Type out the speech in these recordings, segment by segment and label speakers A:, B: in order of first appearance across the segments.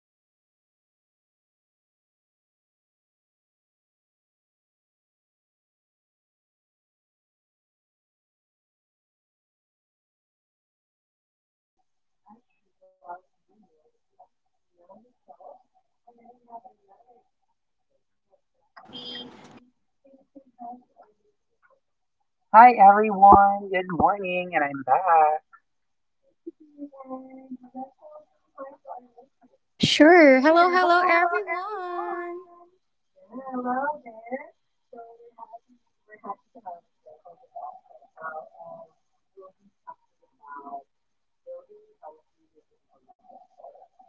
A: Hello, everyone. I am Ermi, and welcome to our podcast. So today we are joined by our two co hosts. We have two guests today. As usual, you know that we have Pia on the show, and then we have another guest for today. We have Russell. So, P, can you say hi to our listeners right now? Thank you, P. And Russell, can you hi to our listeners?
B: Sure. Hello, hello, everyone.
A: Yeah, well, there. So we're happy. We're happy to have Wrestle with us right now, and we'll be talking about building healthy relationships. Or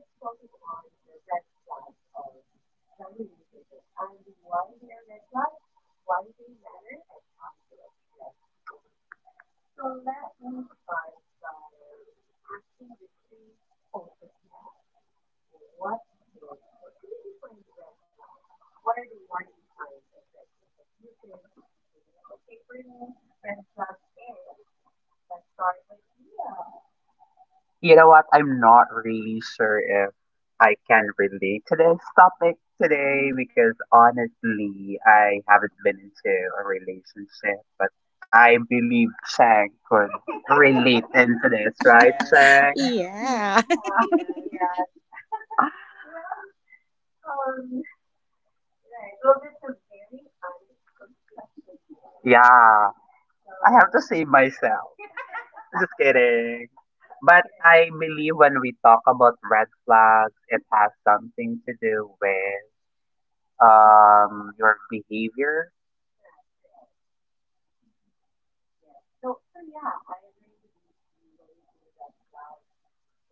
A: let's focus on the red flags of the relationship and why they are red flags, why they matter, and how to address them. So let me start by asking the two hosts that we have what is, or can you define red flag, what are the warning signs of red flag? Like you can say like, okay, for me red flag is, let's start with Pia. Mhm.
B: Yeah.
A: Yeah. Well, um right. Well, that's a very honest confession there. So, yeah, correct. Yes. So yeah, I agree with you, PE. When you say red flag,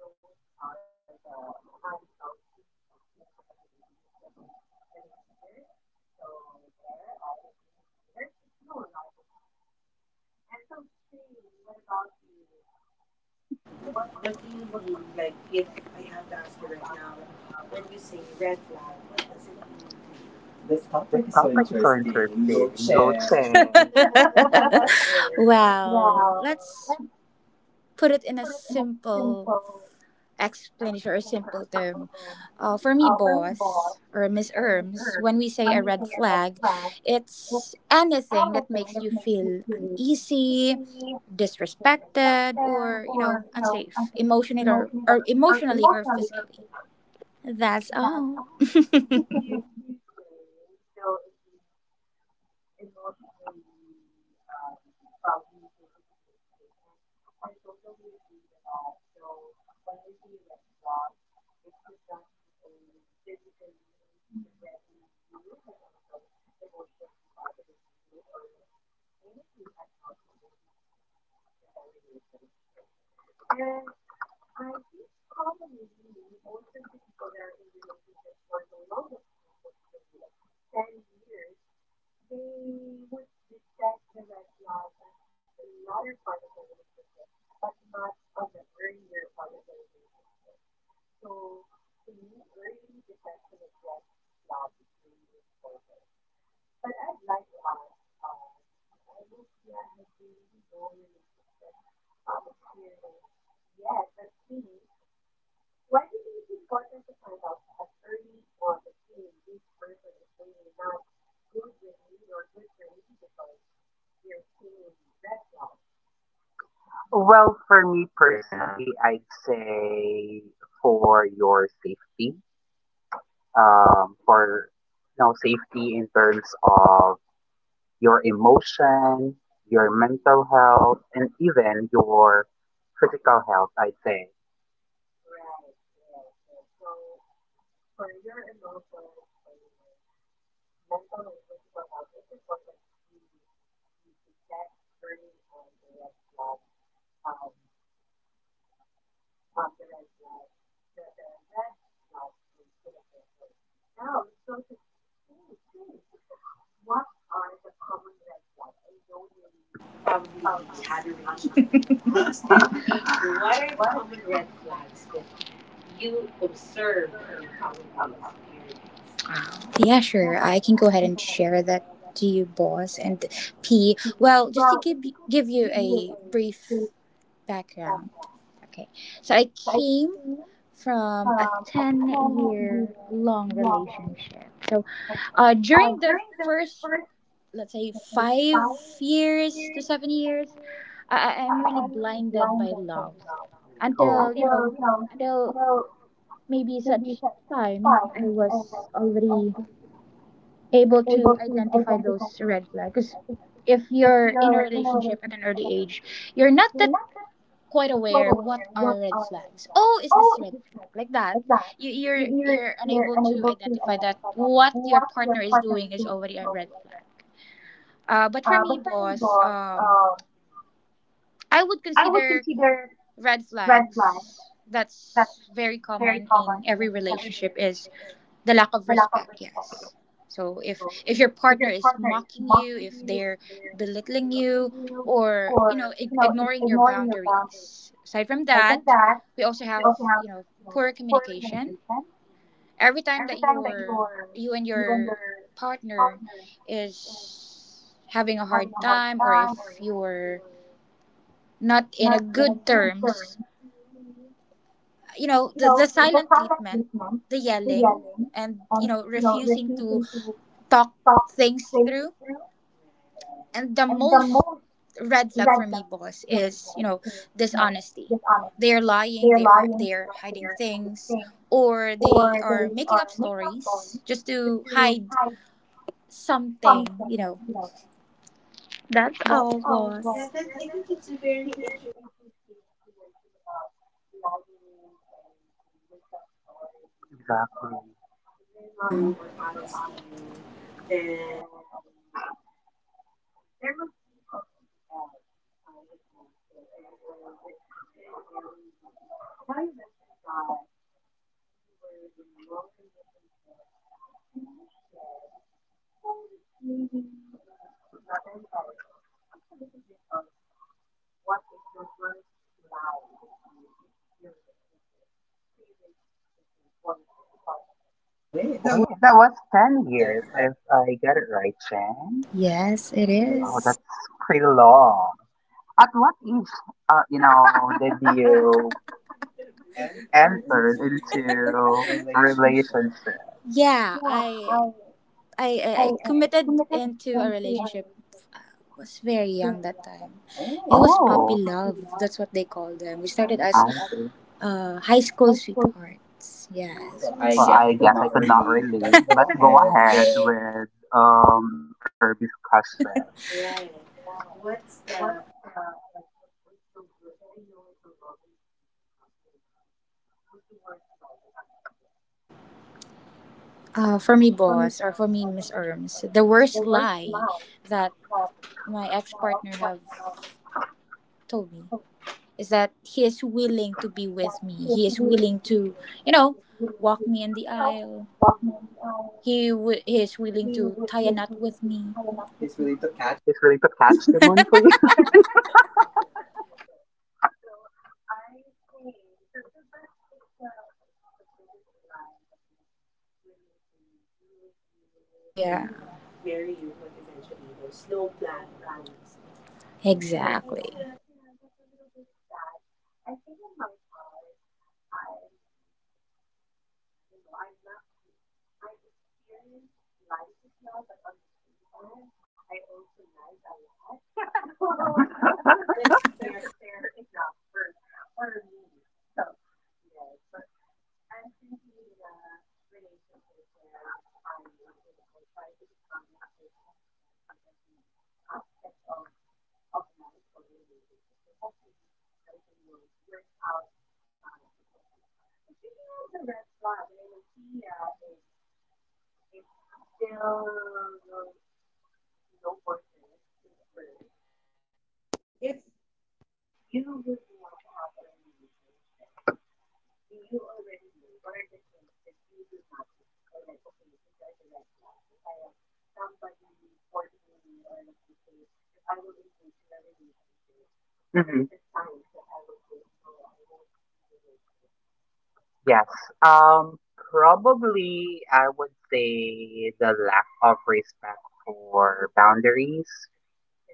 A: those are the unhealthy patterns in the relationship, such as the behavior. So there, I'd agree with you. There's no right or wrong answer. And so Ching, what about you? What what do you mean? Like, if I have to ask you right now, when we say red flag, what does it mean to
B: This
A: you?
B: topic is so interesting. Go check.
A: It is.
B: Well, let's put it in a simple explanation or simple term. For me,
A: Mhm.
B: boss or Miss
A: Mhm.
B: Erms, when we say a red flag, it's anything that makes you feel uneasy, disrespected,
A: Mhm.
B: or you know, unsafe emotionally or emotionally or physically, that's all.
A: Thank you, Chang. So it means emotionally, probably physically unsafe. And I totally agree with that. So when we say red flag, it could not be only physically threatening you, but also emotionally bothering you, or anything unhealthy that you see in the relationship. And I think commonly most of the people that are in relationship for the longest time would say like 10 years, they would detect the red flag at the latter part of the relationship, but not on the earlier part of the relationship. So to me early detection of red flag is really important. But I'd like to ask, I know Pia has really no relationship experience yet. But B, why do you think it's important to find out as early on that, hey, this person is really not good with me or good for me because we are seeing red flags? Mhm. Right, right, yes. So for your emotions, for your mental and physical health, it's important that you detect early on the red flag, um, um, the red flag, the red flags in a person. Now let's go to Ching. Ching, what are the common red flags? I know you probably had a relationship in the past, and what are the common red flags that you observed or you probably experienced?
B: Yeah, sure, I can go ahead and share that to you, boss, and P. Well, just to give you a brief background. Okay, so I came from a 10-year long relationship. So during the first, let's say, 5 years to 7 years, I, I am really blinded by love until you know,
A: Mm.
B: until maybe such time I was already able to identify those red flags. 'Cause if you're in a relationship at an early age, you're not that quite aware what are red flags. Oh, is this red flag like that? You're unable to identify that what your partner is doing is already a red flag. But for
A: Mm-hmm.
B: me, boss,
A: Mm-hmm.
B: I would consider red flags that's very common in every relationship is the lack of respect. Yes, so if your partner is mocking you, if they're belittling you, or you know, ignoring your boundaries. Aside from that, we also have, you know, poor communication. Every time
A: Mm-hmm.
B: that your you and your partner is having a hard time, or if you're not in a good terms,
A: Mm-hmm.
B: you know, the silent treatment, the yelling, and you know, refusing to talk things through.
A: Right.
B: And the most red flag for me, boss, is you know, dishonesty. They're lying, they're hiding things, or they are making up stories just to hide something, you know. That's all, boss.
A: Yeah, that's. I think it's very interesting that you mentioned about lying and they make up stories, because if they're not true or honest to you, then there must be something else behind the closed doors or behind the, behind everything. Now you mentioned that you were in a long relationship. Can you share, no, just maybe not the entire thing, but just a little bit of what is the worst lie that you experienced with your previous, let's say, boyfriend partner?
B: Way. That was yes it is. Yeah, I committed into a relationship. Was very young that time. It was puppy love. That's what they call them. We started as high school sweethearts. Yes. I
A: Hmm.
B: guess I could not relate. That's the one.
A: Right. What's the like, so what what's the worst? I know it's a long relationship, puppy love. What's the worst lie that you experienced?
B: For me, boss, or for me, Miss
A: Mhm.
B: Erms, the worst lie that my ex partner have told me is that he is willing to be with me. He is willing to, you know, walk me in the aisle.
A: Mhm.
B: Is willing to tie a knot with me. He's willing to catch.
A: Yeah. So I think so, so that's the biggest lie, that he was willing to be with you
B: Yeah,
A: and to marry you, but eventually there's no plan of doing so. Yeah, so
B: exactly.
A: that's, that's a little bit sad. I think on my part, I'm, I don't know. I'm not. I experience lies as well, but on the same time, I also lied a lot. So, so that's fair enough for me. So, yes, but I'm currently in a relationship where I, you know, I try to be honest with my husband in every aspect of life of a relationship. So hopefully everything will work out fine. Okay. So speaking of the red flag, and I know Pia is still no boyfriend since birth. So P, if you would want to have a relationship, do you already know what are the things that you do not like? Or like, okay, these are the red flags. If I have somebody courting me, or like, let's say, if I will engage in a relationship, what are the signs that I will say, no, I won't be with this person? Yeah.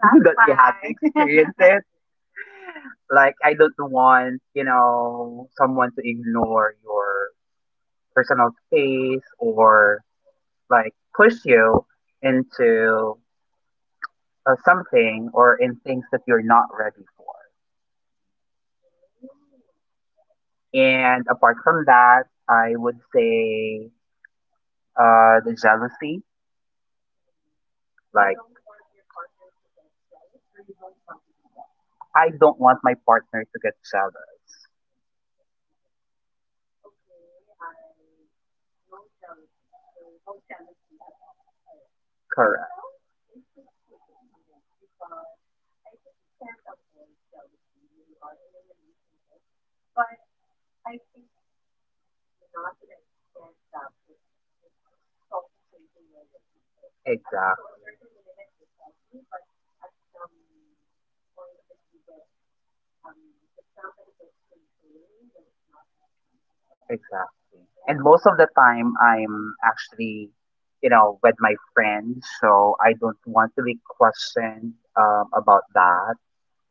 A: Mm. Mm. You right. Don't want your partner to get jealous, or you don't want to be jealous. Okay, so it's like, okay, I, no jealousy or no jealousy at all. All right. That sounds interesting. Yes, because I think you can't avoid jealousy when you are in a relationship, but I think not to the extent that it's suffocating already. So at, to a certain limit it's healthy, but at some point that you get that somebody gets controlling, that's not healthy at all. And most, yes. Mhm.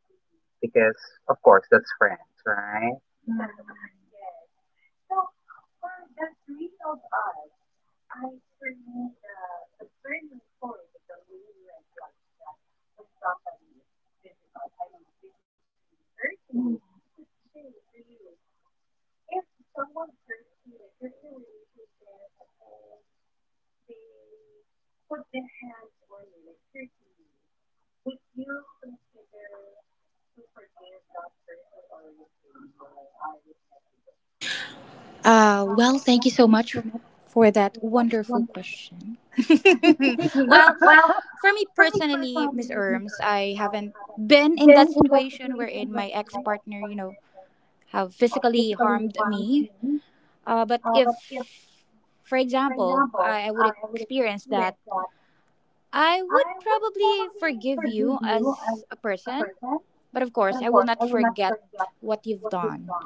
A: Mhm. Yes. So for the three of us, I, for me the turning point, like the main red flag is that when somebody is physical, I mean physically hurting you. So Ching, for you, if someone hurts you, like you're in a relationship and then they put their hands on you, like hurting you, would you consider to forgive that person, or you'd say no, I would let you go?
B: Well, thank you so much for that wonderful question.
A: Well.
B: Well, for me personally, Miss Erms, I haven't been in that situation wherein my ex partner, you know, have physically harmed me. But if, for example, I would experience that, I would probably forgive you as a person.
A: Mhm.
B: But of
A: Mhm.
B: course, I will not forget what you've done.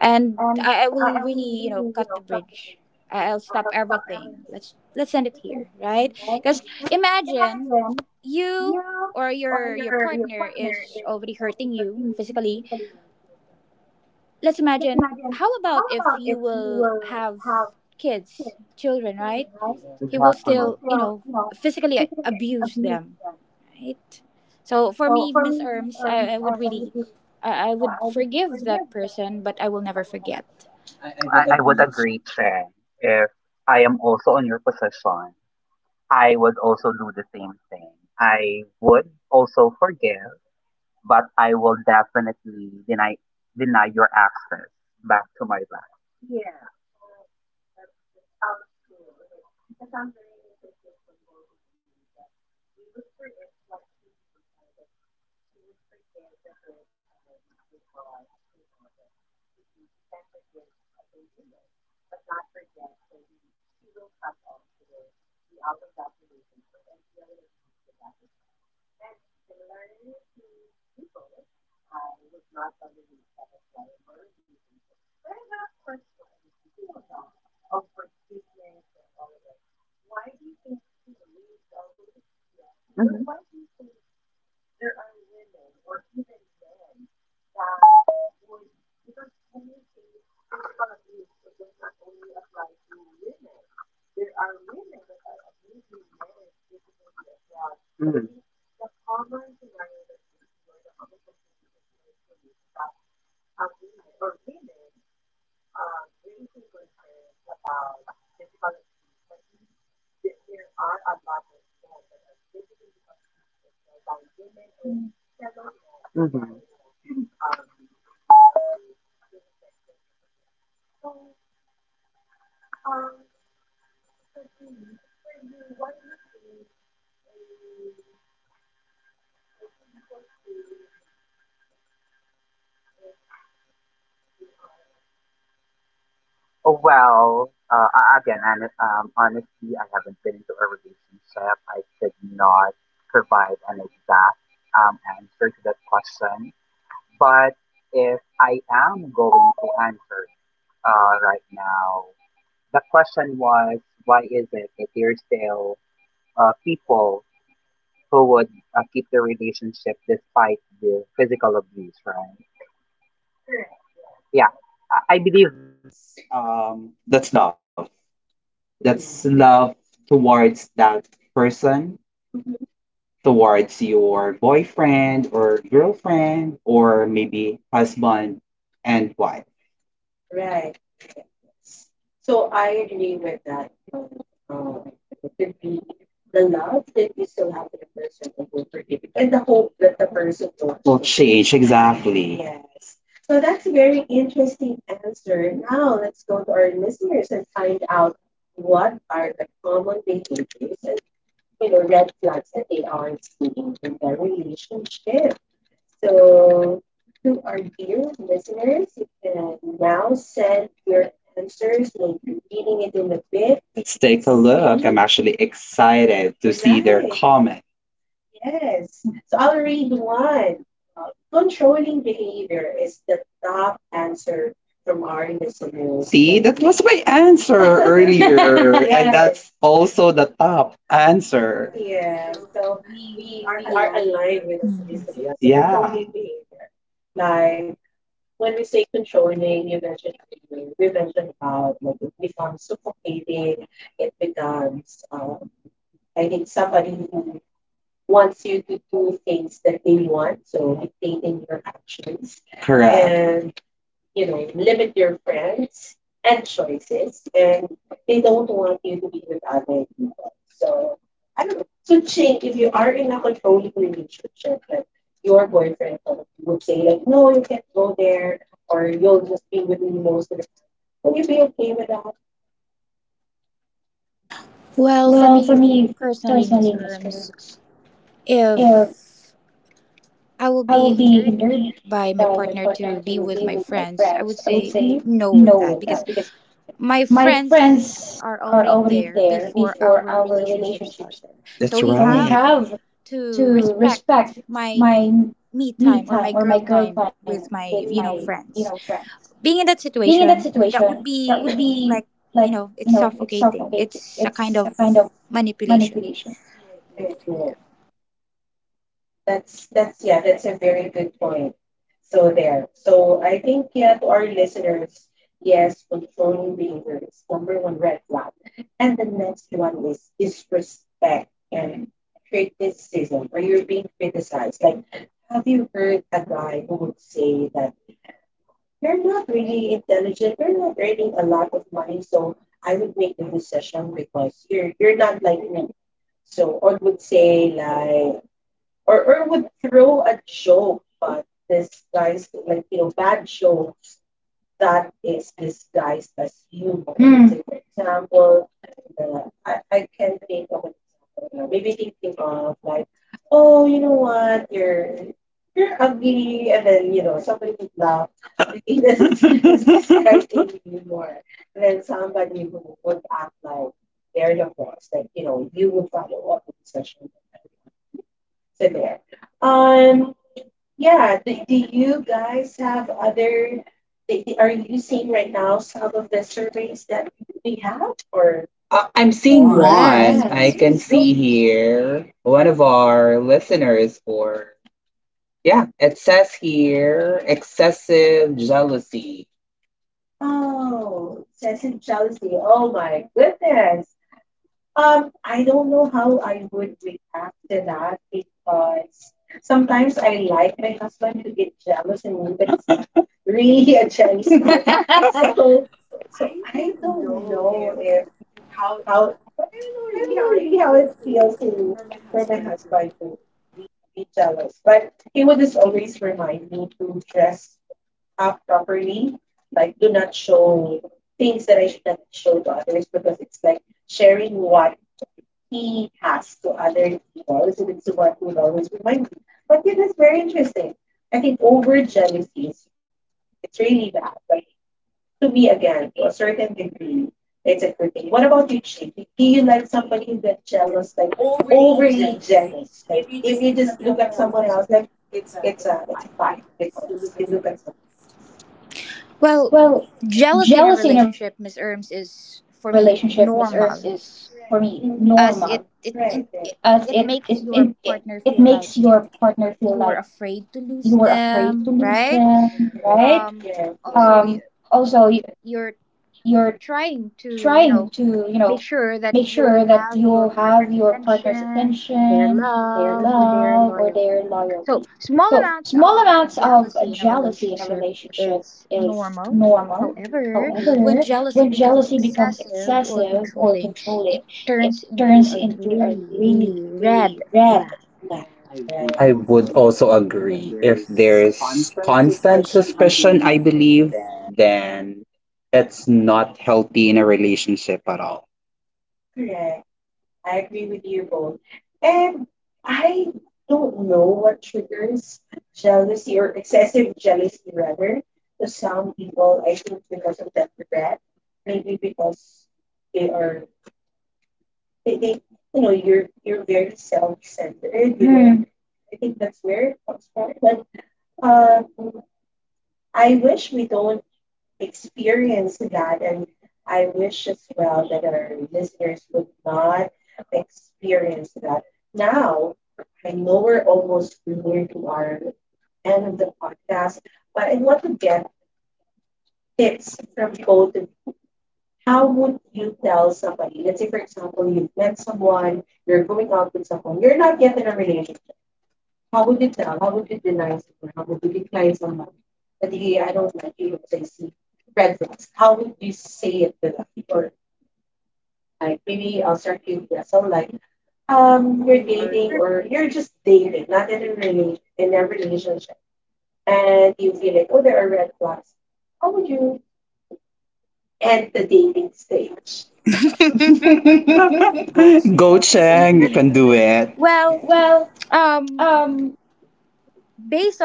B: And I will really, you know, cut the bridge. I'll stop
A: I.
B: everything. Let's end it here, right? Because imagine you or your partner is already hurting you physically.
A: Mhm.
B: Let's imagine how about if you will have kids, children, right? He will still, you know, physically abuse them, right? So for me, Miss Erms, I would really, I would forgive that person, but I will never forget. I would agree.
A: Uh, that's, that sounds cool. Like that sounds very interesting from both of you. That you would, as watching mentioned, that she would forgive the person because you know that's, we, we can forgive as a human, but not forget. So he, she will cut off. She will be out of that relationship, and Pia would agree to that as well. And similar to you both, I would not tolerate that as well in a relationship. But I have a question. Speaking of that, of forgiveness and all of that, why do you think, P? So I'll go to P. P. Why do you think there are women or even men that would? Because when we say physical abuse, it does not only apply to women. There are women that are abusing men physically as well. But I think the common scenario that we see, or the common complaints that we are seeing, is that a women or women raising concerns about physical abuse, but we there are a lot of men that are physically abused as well by women or fellow men if you are in a maybe on a same-sex relationship. So um, so P, for you, why do you think a, like people stay in a relationship if they are abused? Mhm. Relationship who correct yes. Yeah.
C: That's love. That's love towards that person,
A: Mm-hmm.
C: towards your boyfriend or girlfriend, or maybe husband and wife.
A: Right, right, yes. So I agree with that one. It could be the love that you still have with a person, and you're forgiving, and the hope that the person will
C: Will change,
A: change.
C: exactly.
A: Yes. So that's a very interesting answer. Now let's go to our listeners and find out what are the common behaviors and, you know, red flags that they are seeing in their relationship. So to our dear listeners, you can now send your answers. We'll be reading it in a bit
C: Let's
A: and
C: take a look. I'm
A: see.
C: actually excited to see their
A: Right.
C: comments.
A: Yes. So I'll read one. Controlling behavior is the top answer from our listeners when.
C: My answer
A: Yes.
C: also the top answer.
A: Yeah, so we are aligned with our listeners. So controlling behavior, like, when we say controlling, you mentioned earlier, we mentioned about like it becomes suffocating, it becomes, I think, somebody who wants you to do things that they want, so dictating your actions and, you know, limit your friends and choices, and they don't want you to be with other people. So, I don't know. So, Ching, if you are in a controlling relationship, like, your boyfriend probably would say like, no, you can't go there, or you'll just be with me most of the time, will you be okay with that?
B: Well,
C: Well,
B: for
C: for
B: me
C: me
B: personally,
C: personally,
B: Miss
C: Miss Rose,
B: Erms,
C: if
B: if I
C: I
B: will
C: will
B: be
C: be hindered by
B: by
C: my
B: my partner
C: partner to
B: to be
C: be
B: with
C: with
B: my
C: my friends,
B: friends, I
C: I
B: would
C: would
B: say
C: say
A: Mm-hmm.
C: no
B: no with
C: with
B: that
C: that because
B: because my
C: my friends
B: friends are
C: are already there before our
B: relationship
C: relationship starts.
B: starter.
C: That's so we
B: So he
C: right
B: had
C: have to respect my me time or my
B: real
C: girl time
B: time
C: with
B: with my,
A: Mhm.
B: you
C: you
B: know,
C: know
B: friends.
C: friends. Being
B: Being
C: in
B: in that
C: that situation,
B: situation, that
C: that
B: would
C: would
B: be
C: be
B: like,
C: like
B: you
C: you
B: know,
C: know
B: it's
C: it's suffocating.
B: suffocating.
C: It's
B: It's
C: a
B: a kind
C: kind of
B: of manipulation.
C: manipulation.
A: Right, right.
B: Yeah.
A: That's yeah, that's a very good point. So there. So I think, yeah, to our listeners, yes, controlling behavior is number one red flag. And the next one is disrespect and criticism, or you're being criticized. Like, have you heard a guy who would say that, you're not really intelligent. You're not earning a lot of money, so I would make the decision because you're not like me. So or would say like or would throw a joke but disguised, like bad jokes that is disguised as humor. Let's say for example, I can't think of an example right now. Maybe thinking of like, oh what, you're ugly, and then somebody would laugh. So I think this is, that's
C: Does
A: disguised in humor. And then somebody who would act like they're the boss, like you would follow all the decision that I want to do. So there. Um do you guys have other, are you seeing right now some of the surveys that we have or...
C: I am seeing
B: Yes. Miss.
A: Okay, go
C: here one of our listeners for. Yeah, it says here excessive jealousy.
A: oh, excessive jealousy. Oh my goodness. I don't know how I would react to that, because sometimes I like my husband to get jealous in me, but he's not really a jealous type. So, so I don't know if how, like I don't know really how it feels to, for my husband to be jealous, but he would just always remind me to dress up properly, like do not show things that I should not show to others, because it's like sharing what he has to other people. So that's what he would always remind me. But yeah, that's very interesting. I think over jealousy is, it's really bad, but to me, again, to a certain degree, it's a good thing. What about you, Ching? Do you like somebody who get jealous, like overly jealous? Like if you just look at someone else, like it's a fight because you look at someone else.
B: Well,
C: Well,
B: jealousy in a
C: jealousy in a
B: relationship, Miss
C: relationship, Miss
B: Erms,
C: Erms,
B: is
C: is
B: for me
C: for me
A: Mm-hmm,
B: normal,
C: normal
A: mm-hmm. Right, right.
B: as it
C: as
B: it
C: it
B: it,
C: it,
B: it
C: it
B: it
C: it
B: makes
C: it
B: your
C: makes your
B: partner feel
C: partner
B: like
C: feel like
B: you are
C: you were
B: afraid to
C: afraid
B: lose
C: to lose
B: them,
C: them,
B: right?
A: Correct, right?
C: right?
A: Yes.
B: Um.
A: Yes.
B: Also,
C: Also, you,
B: you're
C: you're
B: trying to you
C: trying
B: know,
C: to, you know,
B: make sure that
C: make sure that you have your partner's
B: your
C: attention, their
B: love
A: Mhm.
B: or their
C: love, or
B: loyal.
C: their loyalty.
B: So small
C: So
B: amounts
C: small amounts of
B: jealousy in a
C: jealousy in a
B: relationship
C: relationship
B: is
C: is
B: normal.
C: normal.
B: However,
A: Mhm.
B: when
C: However,
B: jealousy
C: when
B: is
C: jealousy becomes
B: excessive,
C: excessive or
B: ruling
C: controlling, it
B: turns into
C: turns into a
B: really,
C: really,
B: really red.
C: really red flag.
B: I
A: Right.
B: would
C: I
B: also
C: would
B: agree.
C: also
B: If
C: agree. If
B: there's
C: there's
B: constant
C: constant
B: suspicion, I
C: suspicion, I
B: believe,
C: believe,
B: then
C: then that's not healthy in a relationship at all.
A: Correct. I agree with you both. And I don't know what triggers jealousy, or excessive jealousy rather, to some people. I think because of the threat, maybe because they are, they you know, you're very self-centered, you know. I think that's where it comes from, but um I wish we don't experience that, and I wish as well that our listeners would not experience that. Now I know we're almost near to our end of the podcast, but I want to get tips from both of you. How would you tell somebody, let's say for example you've met someone, you're going out with someone, you're not yet in a relationship, how would you tell, how would you deny someone, or how would you decline somebody that hey, I don't like you because I see red flags? How would you say it to them? Or you know like, maybe I'll start with Russell. Like, you're dating, or you're just dating, not yet in relation in a relationship, and you feel like, oh, there are red flags, how would you end the dating stage?
C: Go
B: go.
C: Cheng, you can do it.
B: Well,
C: Well,
A: Yes.
B: um,
C: um,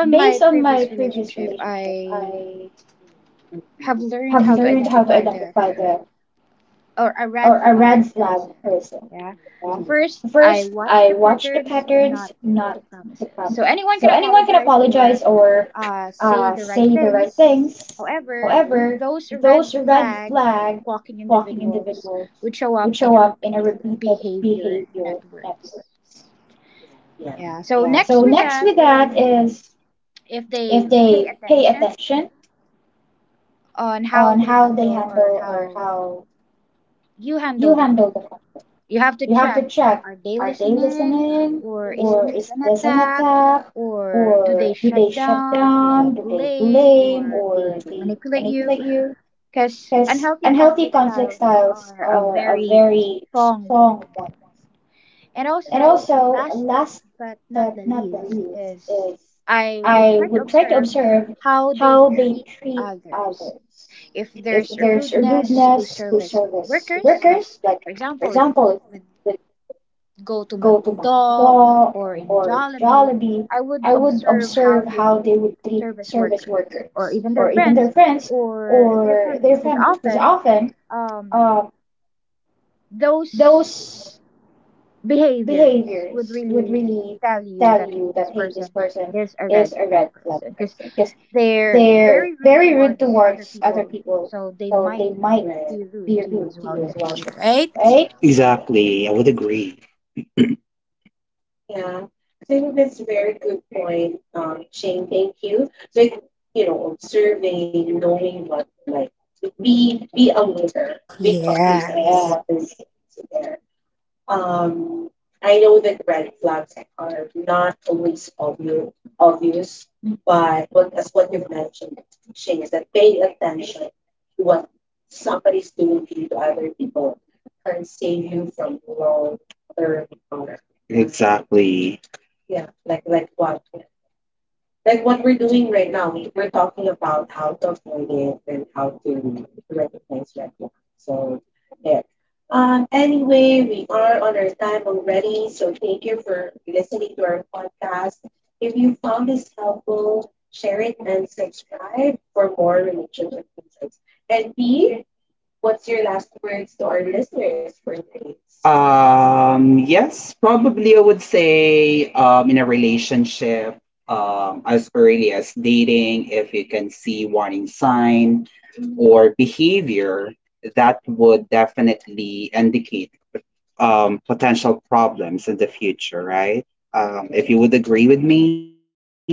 C: based
B: based
C: on
B: on
C: my
B: my
C: previous relationship,
B: relationship, I
C: I
A: Well, mm-hmm.
B: have
C: have learned
B: learned
C: how
B: how
C: to
B: to identify
C: identify
B: the
C: the or
B: or
C: a red flag
B: uh,
C: person.
B: yeah,
C: Yeah.
A: Mm-hmm.
B: so
C: First,
B: I,
C: I watch the patterns, not the promises.
B: so
C: So anyone
B: anyone
C: can
B: can
C: apologize or say
B: say
C: the
B: the right
C: right
B: things,
C: things.
A: Mm-hmm.
C: However, those red flag walking
B: talking
C: individuals
B: individuals
C: would
B: would
C: show
B: show
C: up
B: up
C: in
B: in
C: a
B: a
C: repeated
B: repeated
C: behavior
B: behavior, not words.
C: networks.
A: Yeah.
B: Yeah.
C: Yeah.
B: So
C: So next
B: next with
C: with
B: that
C: that
B: is
C: is
B: if
C: if
B: they
C: they
B: pay
C: pay
B: attention
C: attention
B: on
C: on
B: how
C: how they handle or how you handle the conflict. You
B: you have
C: have
B: to
C: to check, are they
B: daily
C: listening
A: There.
C: or
A: Mm-hmm.
C: is this an
B: attack
C: attack,
B: or
C: or do they shut
B: down,
C: down? Do they blame or
B: or they
C: they
B: manipulate
C: manipulate
B: you
C: you? Because
B: because unhealthy
C: unhealthy conflict styles are
B: are
C: a
B: a very
C: very strong
B: strong
C: one.
B: warning.
C: And
B: And
A: Right.
C: also, last but not the
B: the
C: least,
B: least,
C: is
B: I,
C: I would try to observe
B: how
C: how they treat
B: others.
C: others. If
B: If
A: Mm.
B: there's
C: there's a
A: If...
B: rudeness
C: rudeness
B: to
C: to
B: serve it.
C: service workers, like for example, if they
B: Go
C: go to
B: to McDo
C: McDo
B: or
C: or
B: in,
C: Jollibee, I
B: I would
C: would
B: observe
C: observe
B: how
C: how
B: they
C: they
B: would
C: would
B: treat
C: treat
B: service
C: service
B: workers
C: workers
B: or
C: or
B: even
C: even
B: their
C: their
B: friends
C: friends
B: or
C: or
B: their
C: their
B: family.
C: family,
B: Because
C: because
B: often,
C: often um,
B: um, those
C: those
B: behaviors
C: behaviors would
B: really
C: really
B: tell
C: tell you
B: you that
C: that hey, this person is
B: is
C: a
B: a
C: red
B: red
C: flag
B: person
C: person
B: because
C: because
B: they're,
C: they're very rude towards other people,
B: so
C: so
B: they
C: they might
B: might be
C: be rude
B: rude to
C: to
B: you
C: you as
B: as
C: well
B: well
C: in
B: in the
C: the future,
B: future, right?
C: right? Exactly, I would agree.
A: Yeah, so I think that's a very good point, Shane. Thank you. So it, you know, observing, knowing what, like, be aware, be cognizant of what they're
B: Yes,
A: doing. So there. um, I know that red flags are not always obvious, but what, as what you've mentioned, Shane, is that paying attention to what somebody's doing to you, to other people, can save you from long term harm. Like
C: Exactly.
A: yeah, like what? Like what we're doing right now, we're talking about how to avoid it, and how to recognize red flags. So there. Anyway, we are on our time already, so thank you for listening to our podcast. If you found this helpful, share it and subscribe for more relationship insights. And P, what's your last words to our listeners for today's podcast?
C: Yes, probably I would say in a relationship, as early as dating, if you can see warning sign, mhm, or
A: Mm-hmm.
C: behavior, that would definitely indicate potential problems in the future, right? If you
A: Right.
C: would agree with me.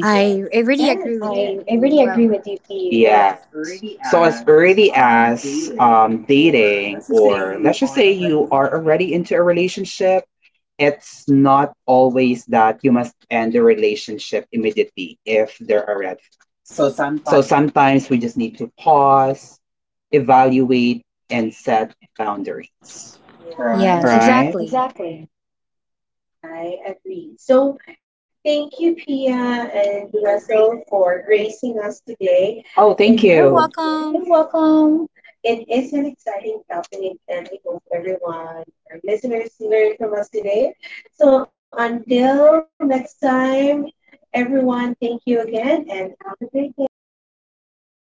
B: I I
A: yes.
B: really
C: I
B: agree
C: really
B: with you,
C: agree
B: P.
C: with you,
B: U. Well,
C: Steve. Yeah. Yes.
B: so as
C: So as
B: early
C: early
B: as
C: as
B: dating,
C: dating,
B: or let's just
C: or
B: say
C: let's just
B: you
C: say
B: are
C: you
B: already in.
C: are already into a relationship, it's not always that you must end the relationship immediately if there are red flags.
B: So sometimes,
C: So sometimes we just need to pause, evaluate, and set boundaries,
B: yes,
A: Yeah,
C: right?
B: exactly.
C: Exactly.
A: I agree. So, thank you, Pia and Russell, for gracing us today. It-
C: Oh, thank
B: You're
C: you.
A: Yes.
C: You're
B: welcome.
C: welcome.
A: It is an exciting topic, and I hope everyone, our listeners, learn from us today. So, until next time, everyone, thank you again and have a great day. Bye.
C: You next time, everyone.